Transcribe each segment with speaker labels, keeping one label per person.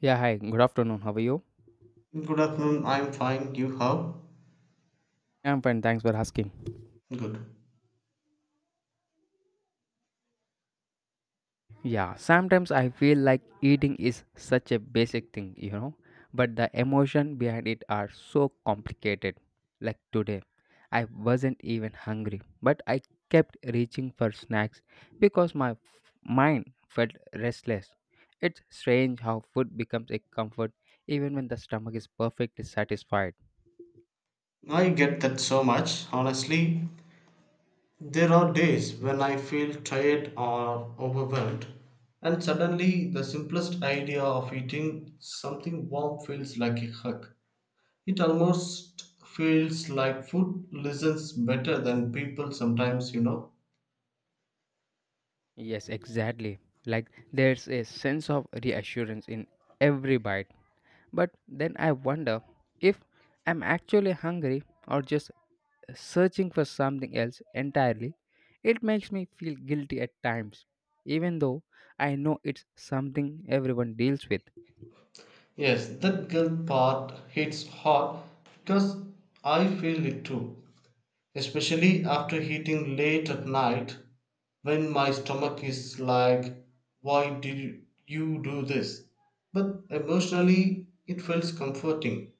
Speaker 1: Yeah, hi, good afternoon. How are you?
Speaker 2: Good afternoon, I'm fine. You how?
Speaker 1: I'm fine, thanks for asking.
Speaker 2: Good.
Speaker 1: Yeah, sometimes I feel like eating is such a basic thing, you know, but the emotion behind it are so complicated. Like today, I wasn't even hungry, but I kept reaching for snacks because mind felt restless. It's strange how food becomes a comfort even when the stomach is perfectly satisfied.
Speaker 2: I get that so much. Honestly, there are days when I feel tired or overwhelmed, and suddenly the simplest idea of eating something warm feels like a hug. It almost feels like food listens better than people sometimes, you know.
Speaker 1: Yes, exactly. Like there's a sense of reassurance in every bite. But then I wonder if I'm actually hungry or just searching for something else entirely. It makes me feel guilty at times, even though I know it's something everyone deals with.
Speaker 2: Yes, that guilt part hits hard because I feel it too. Especially after eating late at night when my stomach is like, "Why did you do this?" But emotionally, it feels comforting.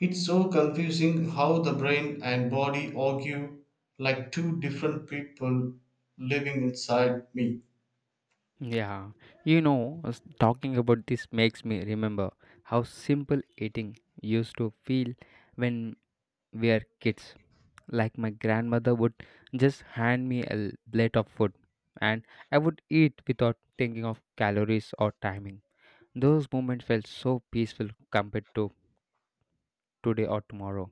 Speaker 2: It's so confusing how the brain and body argue like two different people living inside me.
Speaker 1: Yeah, you know, us talking about this makes me remember how simple eating used to feel when were kids. Like my grandmother would just hand me a plate of food and I would eat without thinking of calories or timing. Those moments felt so peaceful compared to today or tomorrow.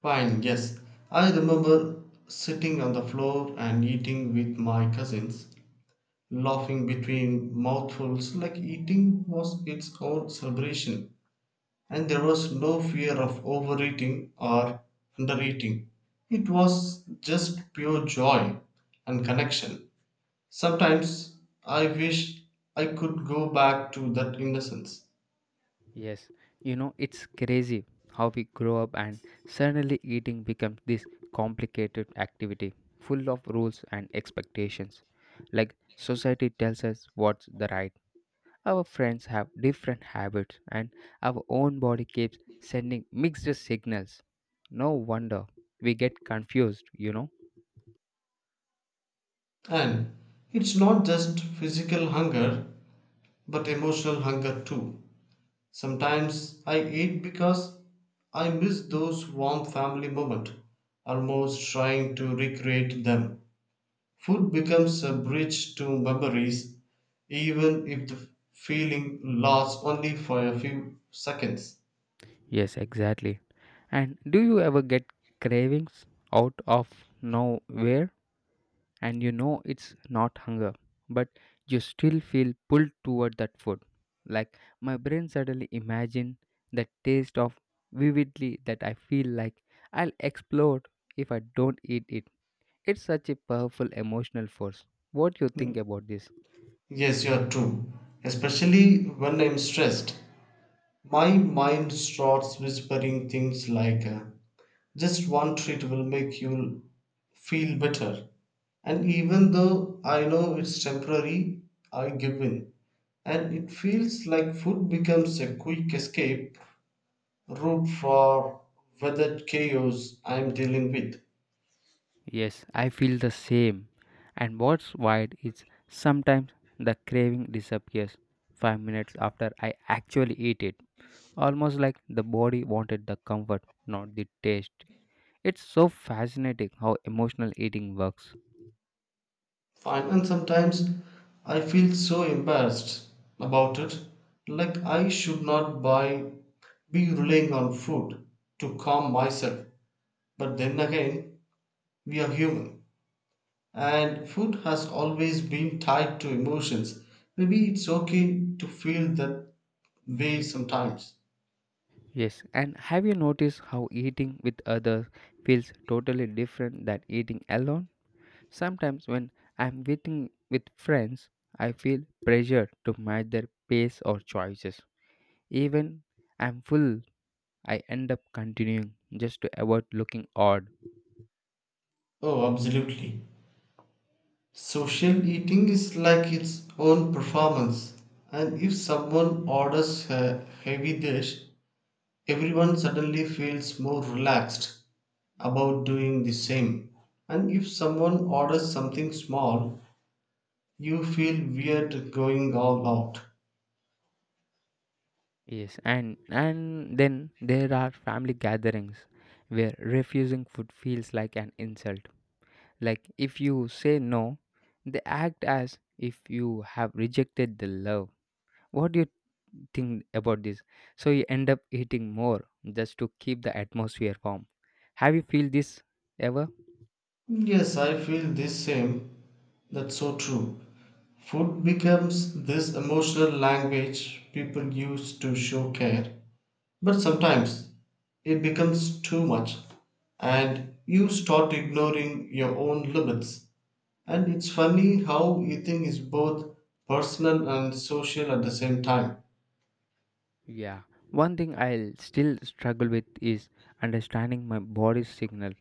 Speaker 2: Fine, yes. I remember sitting on the floor and eating with my cousins, laughing between mouthfuls like eating was its own celebration. And there was no fear of overeating or undereating. It was just pure joy and connection. Sometimes I wish I could go back to that innocence.
Speaker 1: Yes, you know, it's crazy how we grow up and suddenly eating becomes this complicated activity full of rules and expectations. Like society tells us what's the right. Our friends have different habits, and our own body keeps sending mixed signals. No wonder we get confused, you know?
Speaker 2: And it's not just physical hunger, but emotional hunger too. Sometimes I eat because I miss those warm family moments, almost trying to recreate them. Food becomes a bridge to memories, even if the feeling lasts only for a few seconds.
Speaker 1: Yes, exactly. And do you ever get cravings out of nowhere? And you know it's not hunger, but you still feel pulled toward that food. Like my brain suddenly imagine the taste of vividly that I feel like I'll explode if I don't eat it. It's such a powerful emotional force. What you think about this?
Speaker 2: Yes, you are true. Especially when I'm stressed, my mind starts whispering things like, just one treat will make you feel better. And even though I know it's temporary, I give in. And it feels like food becomes a quick escape root for whether chaos I'm dealing with.
Speaker 1: Yes, I feel the same. And what's wild is sometimes the craving disappears 5 minutes after I actually eat it, almost like the body wanted the comfort, not the taste. It's so fascinating how emotional eating works.
Speaker 2: Fine, and sometimes I feel so embarrassed about it, like I should not buy, be relying on food to calm myself. But then again, we are human, and food has always been tied to emotions. Maybe it's okay to feel that way sometimes.
Speaker 1: Yes, and have you noticed how eating with others feels totally different than eating alone? Sometimes when I'm waiting with friends, I feel pressured to match their pace or choices. Even I'm full, I end up continuing just to avoid looking odd.
Speaker 2: Oh, absolutely. Social eating is like its own performance, and if someone orders a heavy dish, everyone suddenly feels more relaxed about doing the same. And if someone orders something small, you feel weird going all out.
Speaker 1: Yes, and then there are family gatherings where refusing food feels like an insult. Like if you say no, they act as if you have rejected the love. What do you think about this, so you end up eating more just to keep the atmosphere warm. Have you feel this ever?
Speaker 2: Yes, I feel the same. That's so true. Food becomes this emotional language people use to show care. But sometimes it becomes too much, and you start ignoring your own limits. And it's funny how eating is both personal and social at the same time.
Speaker 1: Yeah, one thing I'll still struggle with is understanding my body's signal.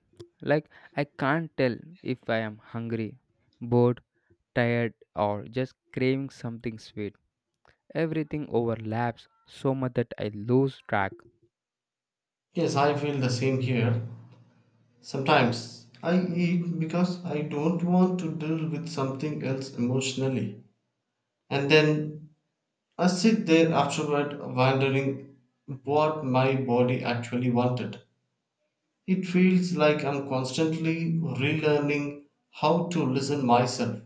Speaker 1: Like I can't tell if I am hungry, bored, tired, or just craving something sweet. Everything overlaps so much that I lose track.
Speaker 2: Yes, I feel the same here. Sometimes I eat because I don't want to deal with something else emotionally. And then I sit there afterward wondering what my body actually wanted. It feels like I'm constantly relearning how to listen myself.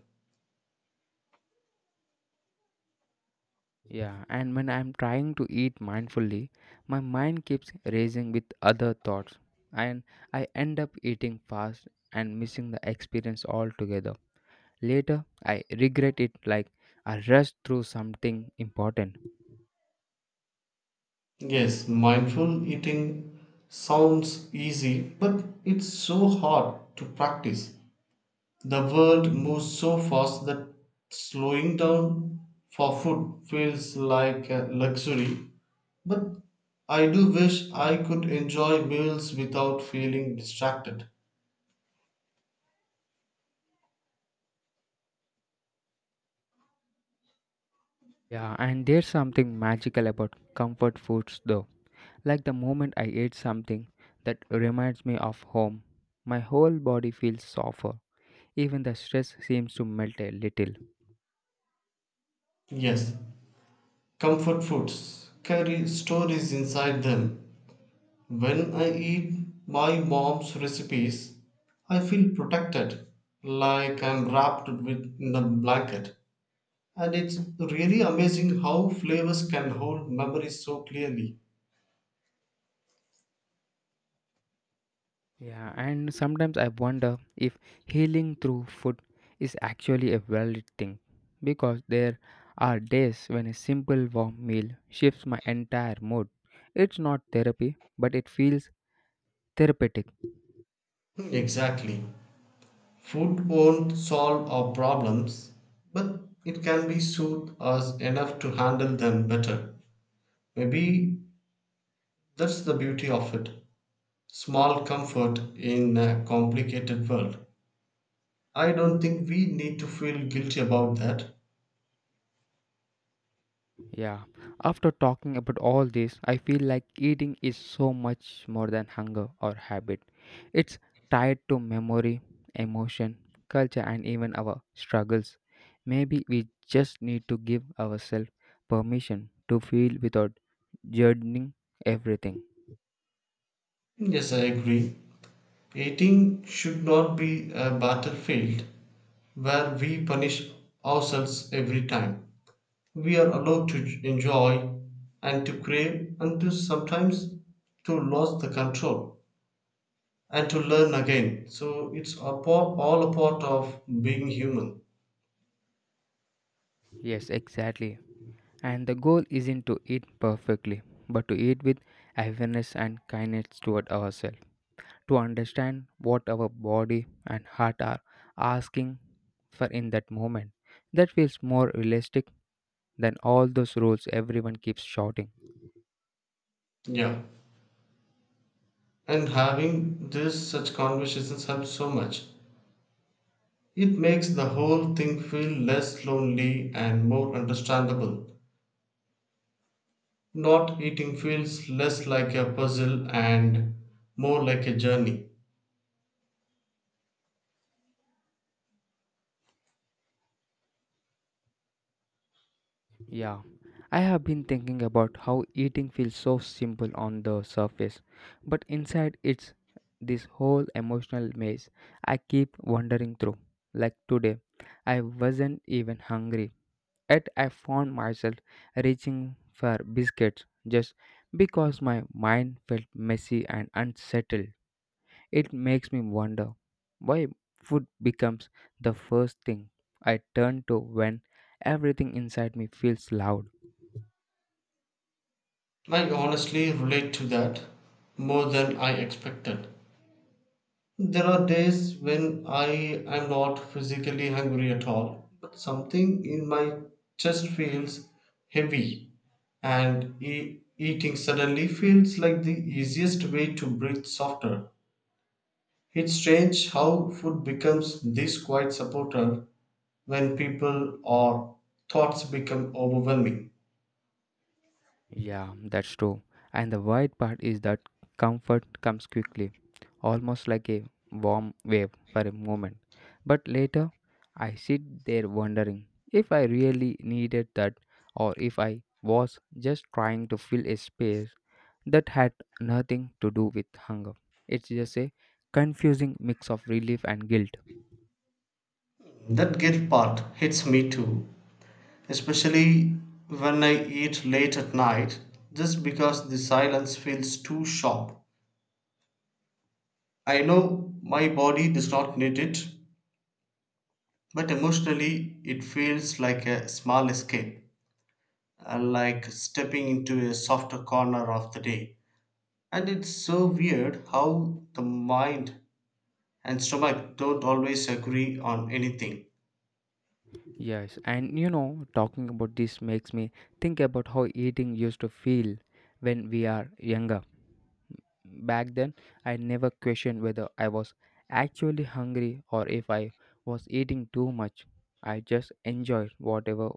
Speaker 1: Yeah, and when I'm trying to eat mindfully, my mind keeps racing with other thoughts, and I end up eating fast and missing the experience altogether. Later, I regret it like I rushed through something important.
Speaker 2: Yes, mindful eating sounds easy, but it's so hard to practice. The world moves so fast that slowing down for food feels like a luxury. But I do wish I could enjoy meals without feeling distracted.
Speaker 1: Yeah, and there's something magical about comfort foods though. Like the moment I ate something that reminds me of home, my whole body feels softer. Even the stress seems to melt a little.
Speaker 2: Yes, comfort foods carry stories inside them. When I eat my mom's recipes, I feel protected, like I'm wrapped with, in a blanket. And it's really amazing how flavors can hold memories so clearly.
Speaker 1: Yeah, and sometimes I wonder if healing through food is actually a valid thing because there are days when a simple warm meal shifts my entire mood. It's not therapy, but it feels therapeutic.
Speaker 2: Exactly. Food won't solve our problems, but it can be soothe us enough to handle them better. Maybe that's the beauty of it. Small comfort in a complicated world. I don't think we need to feel guilty about that.
Speaker 1: Yeah, after talking about all this, I feel like eating is so much more than hunger or habit. It's tied to memory, emotion, culture, and even our struggles. Maybe we just need to give ourselves permission to feel without judging everything.
Speaker 2: Yes, I agree. Eating should not be a battlefield where we punish ourselves every time. We are allowed to enjoy and to crave and to sometimes to lose the control and to learn again. So it's a part, all a part of being human.
Speaker 1: Yes, exactly. And the goal isn't to eat perfectly, but to eat with awareness and kindness toward ourselves. To understand what our body and heart are asking for in that moment. That feels more realistic than all those rules everyone keeps shouting.
Speaker 2: Yeah. And having this such conversations helps so much. It makes the whole thing feel less lonely and more understandable. Not eating feels less like a puzzle and more like a journey.
Speaker 1: Yeah, I have been thinking about how eating feels so simple on the surface, but inside it's this whole emotional maze I keep wandering through. Like today, I wasn't even hungry, yet I found myself reaching for biscuits just because my mind felt messy and unsettled. It makes me wonder why food becomes the first thing I turn to when everything inside me feels loud.
Speaker 2: I honestly relate to that more than I expected. There are days when I am not physically hungry at all, but something in my chest feels heavy, and eating suddenly feels like the easiest way to breathe softer. It's strange how food becomes this quiet supporter when people or thoughts become overwhelming.
Speaker 1: Yeah, that's true. And the wild part is that comfort comes quickly, almost like a warm wave for a moment. But later, I sit there wondering if I really needed that or if I was just trying to fill a space that had nothing to do with hunger. It's just a confusing mix of relief and guilt.
Speaker 2: That guilt part hits me too, especially when I eat late at night just because the silence feels too sharp. I know my body does not need it, but emotionally it feels like a small escape, like stepping into a softer corner of the day. And it's so weird how the mind and stomach don't always agree on anything.
Speaker 1: Yes, and you know, talking about this makes me think about how eating used to feel when we are younger. Back then, I never questioned whether I was actually hungry or if I was eating too much. I just enjoyed whatever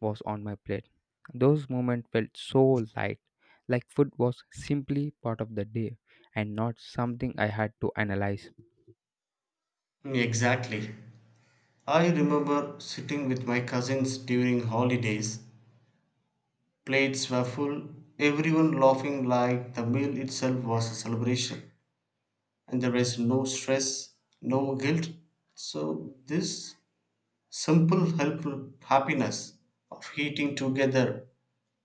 Speaker 1: was on my plate. Those moments felt so light, like food was simply part of the day and not something I had to analyze.
Speaker 2: Mm, exactly. I remember sitting with my cousins during holidays. Plates were full, everyone laughing like the meal itself was a celebration. And there was no stress, no guilt. So, this simple, helpful happiness of eating together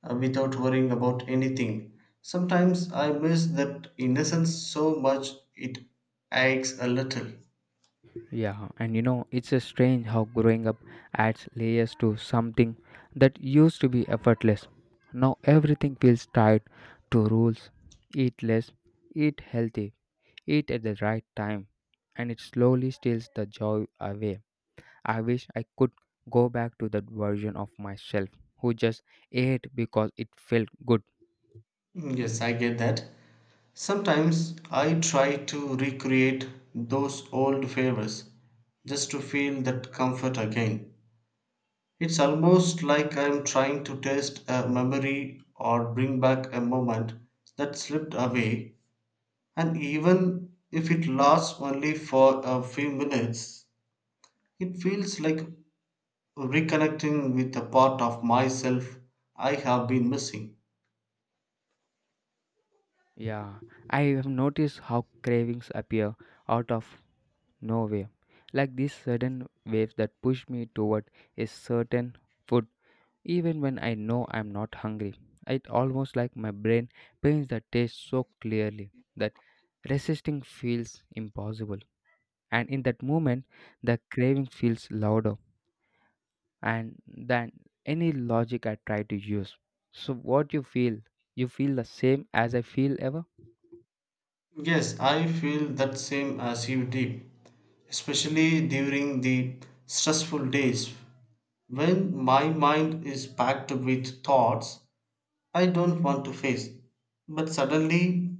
Speaker 2: without worrying about anything. Sometimes I miss that innocence so much it aches a little.
Speaker 1: Yeah, and you know, it's a strange how growing up adds layers to something that used to be effortless. Now everything feels tied to rules. Eat less, eat healthy, eat at the right time, and it slowly steals the joy away. I wish I could go back to that version of myself who just ate because it felt good.
Speaker 2: Mm, yes, I get that. Sometimes I try to recreate those old favors just to feel that comfort again. It's almost like I'm trying to taste a memory or bring back a moment that slipped away, and even if it lasts only for a few minutes, it feels like reconnecting with a part of myself I have been missing.
Speaker 1: Yeah, I have noticed how cravings appear out of no way. Like these sudden waves that push me toward a certain food, even when I know I'm not hungry. It almost like my brain paints the taste so clearly that resisting feels impossible. And in that moment, the craving feels louder and than any logic I try to use. So what you feel? You feel the same as I feel ever?
Speaker 2: Yes, I feel that same as you did, especially during the stressful days. When my mind is packed with thoughts I don't want to face, but suddenly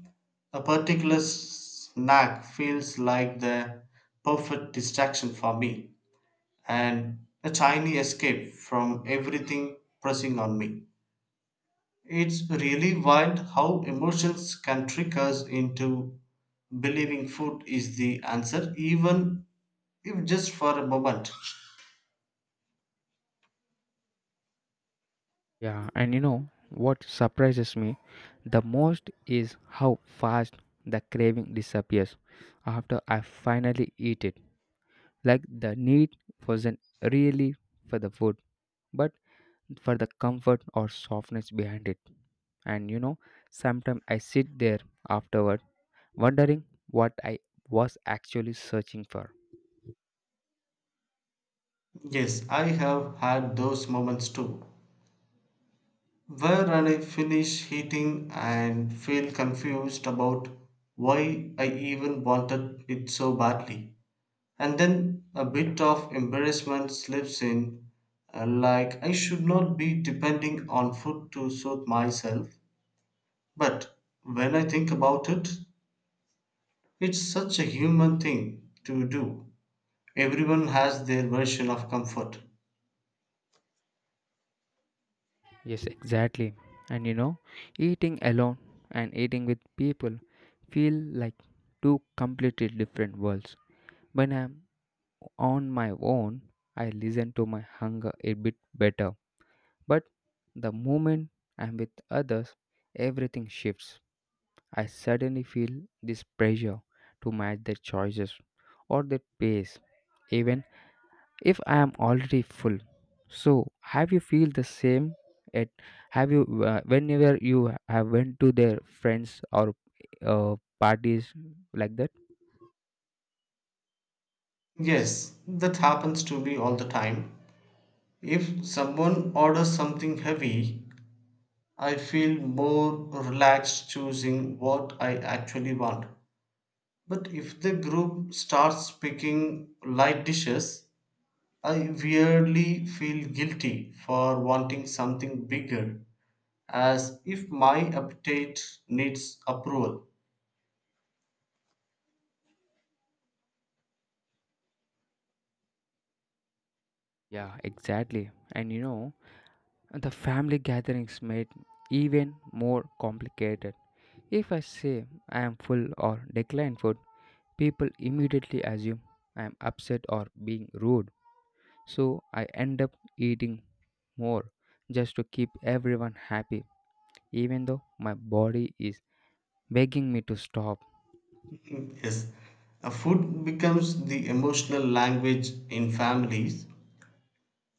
Speaker 2: a particular snack feels like the perfect distraction for me and a tiny escape from everything pressing on me. It's really wild how emotions can trick us into believing food is the answer, even if just for a moment.
Speaker 1: Yeah, and you know what surprises me the most is how fast the craving disappears after I finally eat it. Like the need wasn't really for the food, but for the comfort or softness behind it. And you know, sometimes I sit there afterward wondering what I was actually searching for.
Speaker 2: Yes, I have had those moments too, where I finish eating and feel confused about why I even wanted it so badly. And then a bit of embarrassment slips in, like I should not be depending on food to soothe myself. But when I think about it, it's such a human thing to do. Everyone has their version of comfort.
Speaker 1: Yes, exactly. And you know, eating alone and eating with people feel like two completely different worlds. When I'm on my own, I listen to my hunger a bit better. But the moment I'm with others, everything shifts. I suddenly feel this pressure to match their choices or their pace, even if I am already full. So have you feel the same at, have you, whenever you have went to their friends or parties like that?
Speaker 2: Yes, that happens to me all the time. If someone orders something heavy, I feel more relaxed choosing what I actually want. But if the group starts picking light dishes, I weirdly feel guilty for wanting something bigger as if my appetite needs approval.
Speaker 1: Yeah, exactly, and you know the family gatherings made even more complicated. If I say I am full or decline food, people immediately assume I am upset or being rude, so I end up eating more just to keep everyone happy, even though my body is begging me to stop.
Speaker 2: Yes, food becomes the emotional language in families.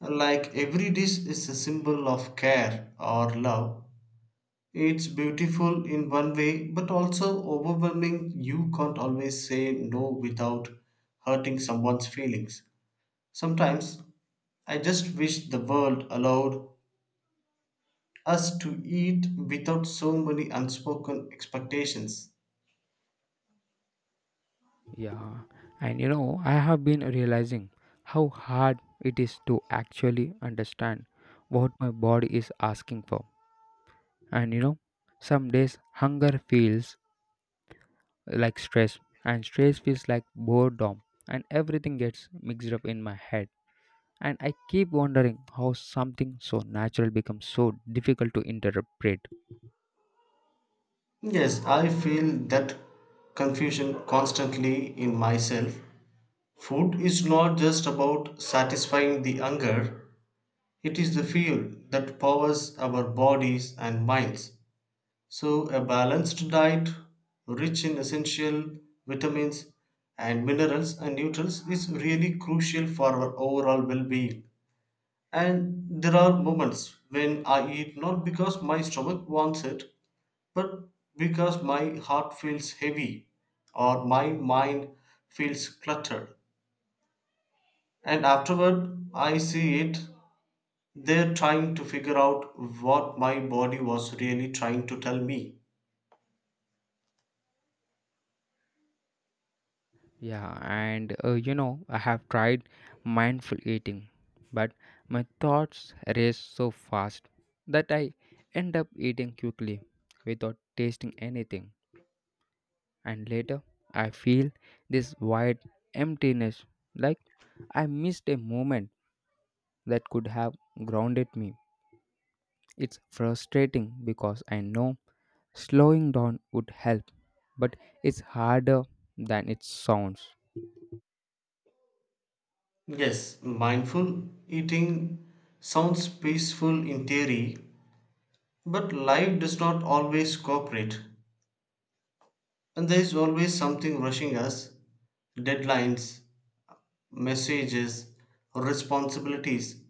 Speaker 2: Like every dish is a symbol of care or love. It's beautiful in one way, but also overwhelming. You can't always say no without hurting someone's feelings. Sometimes I just wish the world allowed us to eat without so many unspoken expectations.
Speaker 1: Yeah, and you know, I have been realizing how hard it is to actually understand what my body is asking for. And you know, some days hunger feels like stress, and stress feels like boredom, and everything gets mixed up in my head. And I keep wondering how something so natural becomes so difficult to interpret.
Speaker 2: Yes, I feel that confusion constantly in myself. Food is not just about satisfying the hunger, it is the fuel that powers our bodies and minds. So, a balanced diet, rich in essential vitamins and minerals and nutrients, is really crucial for our overall well being. And there are moments when I eat not because my stomach wants it, but because my heart feels heavy or my mind feels cluttered. And afterward, I see it there trying to figure out what my body was really trying to tell me.
Speaker 1: Yeah, and you know, I have tried mindful eating, but my thoughts race so fast that I end up eating quickly without tasting anything, and later I feel this wide emptiness, like I missed a moment that could have grounded me. It's frustrating because I know slowing down would help, but it's harder than it sounds.
Speaker 2: Yes, mindful eating sounds peaceful in theory, but life does not always cooperate, and there is always something rushing us deadlines, messages, responsibilities,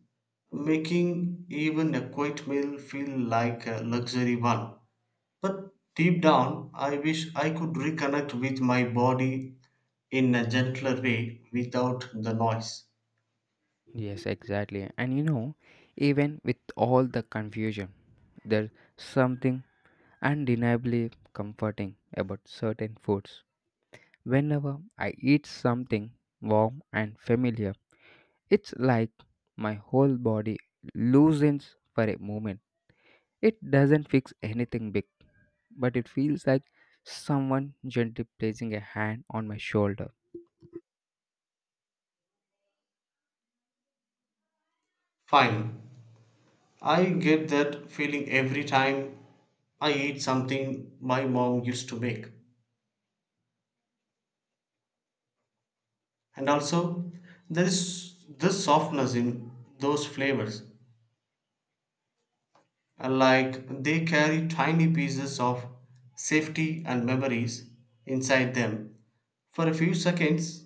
Speaker 2: making even a quiet meal feel like a luxury one. But deep down, I wish I could reconnect with my body in a gentler way without the noise.
Speaker 1: Yes, exactly. And you know, even with all the confusion, there's something undeniably comforting about certain foods. Whenever I eat something warm and familiar, it's like my whole body loosens for a moment. It doesn't fix anything big, but it feels like someone gently placing a hand on my shoulder.
Speaker 2: Fine, I get that feeling every time I eat something my mom used to make. And also, there is this softness in those flavors. Like they carry tiny pieces of safety and memories inside them. For a few seconds,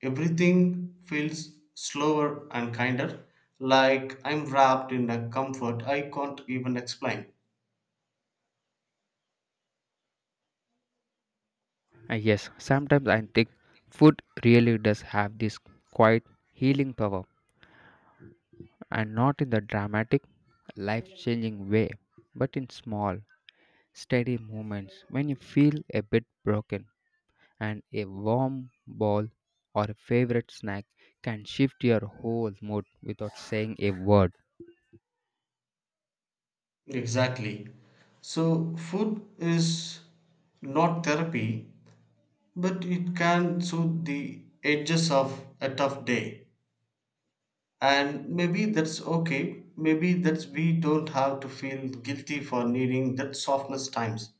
Speaker 2: everything feels slower and kinder, like I'm wrapped in a comfort I can't even explain.
Speaker 1: Yes, sometimes I think food really does have this quiet healing power, and not in the dramatic, life changing way, but in small, steady moments when you feel a bit broken and a warm ball or a favorite snack can shift your whole mood without saying a word.
Speaker 2: Exactly. So, food is not therapy, but it can soothe the edges of a tough day. And maybe that's okay. Maybe that's we don't have to feel guilty for needing that softness times.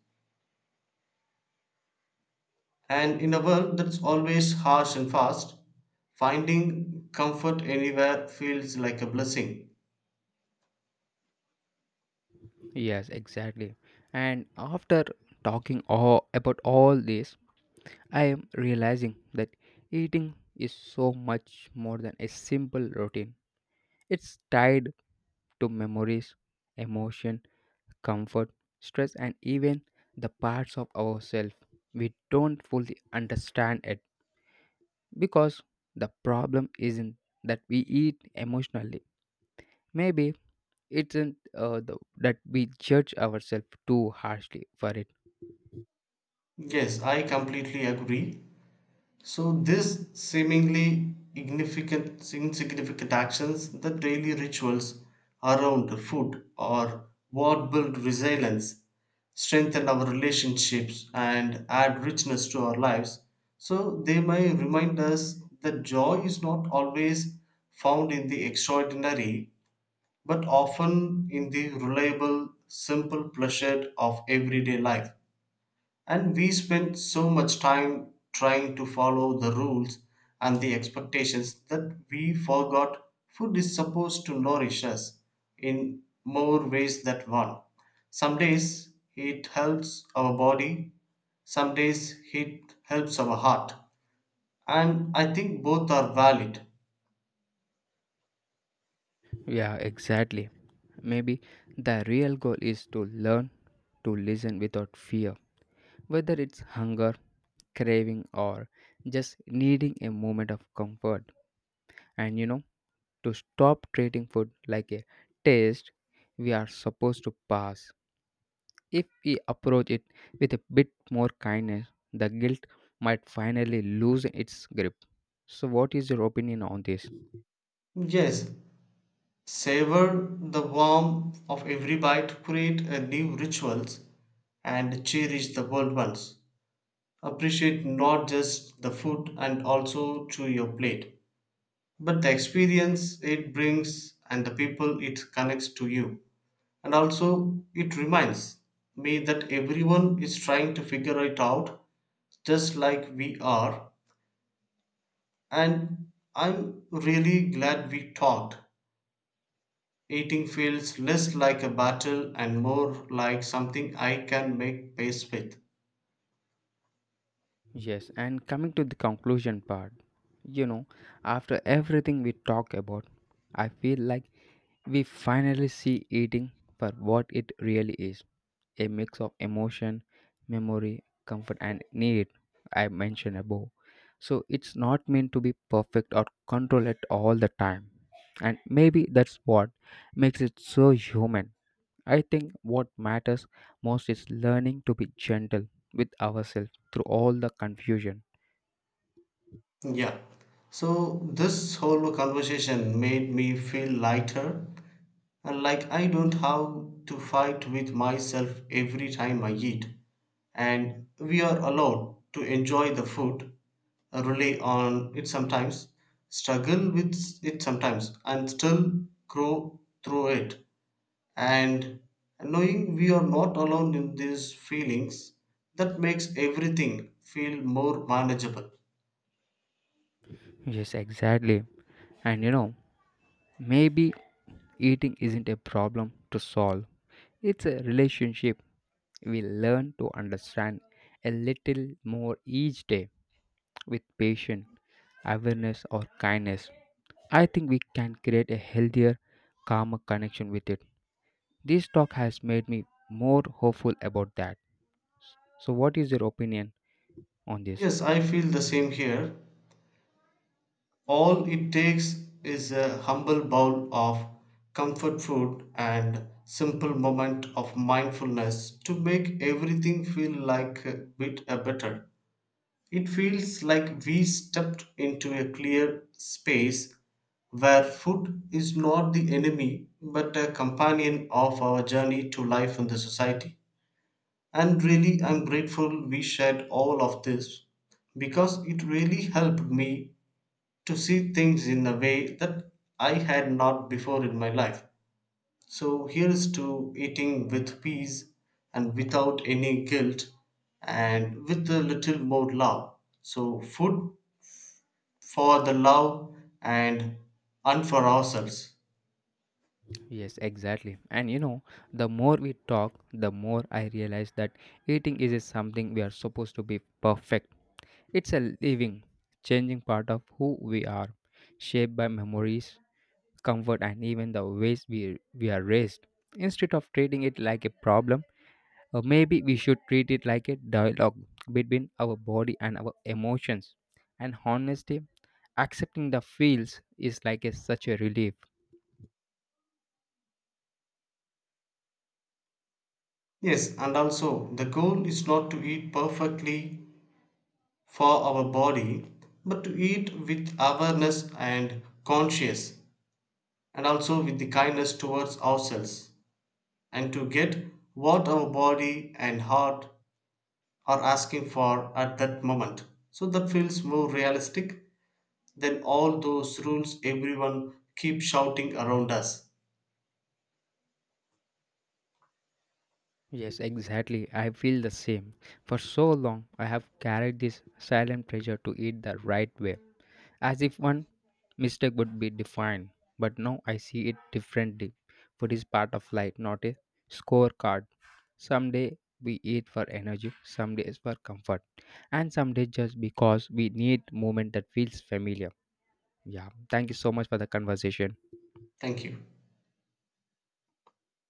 Speaker 2: And in a world that's always harsh and fast, finding comfort anywhere feels like a blessing.
Speaker 1: Yes, exactly. And after talking all about all this, I am realizing that eating is so much more than a simple routine. It's tied to memories, emotion, comfort, stress, and even the parts of ourselves we don't fully understand it, because the problem isn't that we eat emotionally. Maybe it's that we judge ourselves too harshly for it.
Speaker 2: Yes, I completely agree. So these seemingly insignificant actions, the daily rituals around food or what build resilience, strengthen our relationships and add richness to our lives. So they may remind us that joy is not always found in the extraordinary, but often in the reliable, simple pleasure of everyday life. And we spend so much time trying to follow the rules and the expectations that we forgot food is supposed to nourish us in more ways than one. Some days it helps our body, some days it helps our heart. And I think both are valid.
Speaker 1: Yeah, exactly. Maybe the real goal is to learn to listen without fear, whether it's hunger, craving, or just needing a moment of comfort. And you know, to stop treating food like a test we are supposed to pass. If we approach it with a bit more kindness, the guilt might finally lose its grip. So what is your opinion on this?
Speaker 2: Yes, savor the warmth of every bite, create a new rituals, and cherish the world once. Appreciate not just the food and also to your plate, but the experience it brings and the people it connects to you. And also it reminds me that everyone is trying to figure it out just like we are. And I'm really glad we talked. Eating feels less like a battle and more like something I can make peace with.
Speaker 1: Yes, and coming to the conclusion part, you know, after everything we talk about, I feel like we finally see eating for what it really is: a mix of emotion, memory, comfort, and need I mentioned above. So it's not meant to be perfect or control it all the time. And maybe that's what makes it so human. I think what matters most is learning to be gentle with ourselves through all the confusion.
Speaker 2: Yeah. So this whole conversation made me feel lighter and like I don't have to fight with myself every time I eat. And we are allowed to enjoy the food, rely on it sometimes, struggle with it sometimes, and still grow through it. And knowing we are not alone in these feelings, that makes everything feel more manageable.
Speaker 1: Yes, exactly. And you know, maybe eating isn't a problem to solve, it's a relationship. We learn to understand a little more each day. With patience, awareness, or kindness, I think we can create a healthier, calmer connection with it. This talk has made me more hopeful about that. So, what is your opinion on this?
Speaker 2: Yes, I feel the same here. All it takes is a humble bowl of comfort food and simple moment of mindfulness to make everything feel like a bit better. It feels like we stepped into a clear space where food is not the enemy but a companion of our journey to life in the society. And really, I'm grateful we shared all of this because it really helped me to see things in a way that I had not before in my life. So here's to eating with peace and without any guilt and with a little more love. So, food for the love and and for ourselves.
Speaker 1: Yes, exactly. And you know, the more we talk, the more I realize that eating is something we are supposed to be perfect. It's a living, changing part of who we are, shaped by memories, comfort, and even the ways we are raised. Instead of treating it like a problem, maybe we should treat it like a dialogue between our body and our emotions. And honestly, accepting the feels is like a, such a relief.
Speaker 2: Yes, and also the goal is not to eat perfectly for our body, but to eat with awareness and conscious, and also with the kindness towards ourselves. And to get what our body and heart are asking for at that moment. So that feels more realistic than all those rules everyone keeps shouting around us.
Speaker 1: Yes, exactly. I feel the same. For so long, I have carried this silent pressure to eat the right way, as if one mistake would be defined. But now I see it differently. Food is part of life, not a scorecard. Some day we eat for energy, some days for comfort, and some days just because we need movement that feels familiar. Yeah, thank you so much for the conversation.
Speaker 2: Thank you.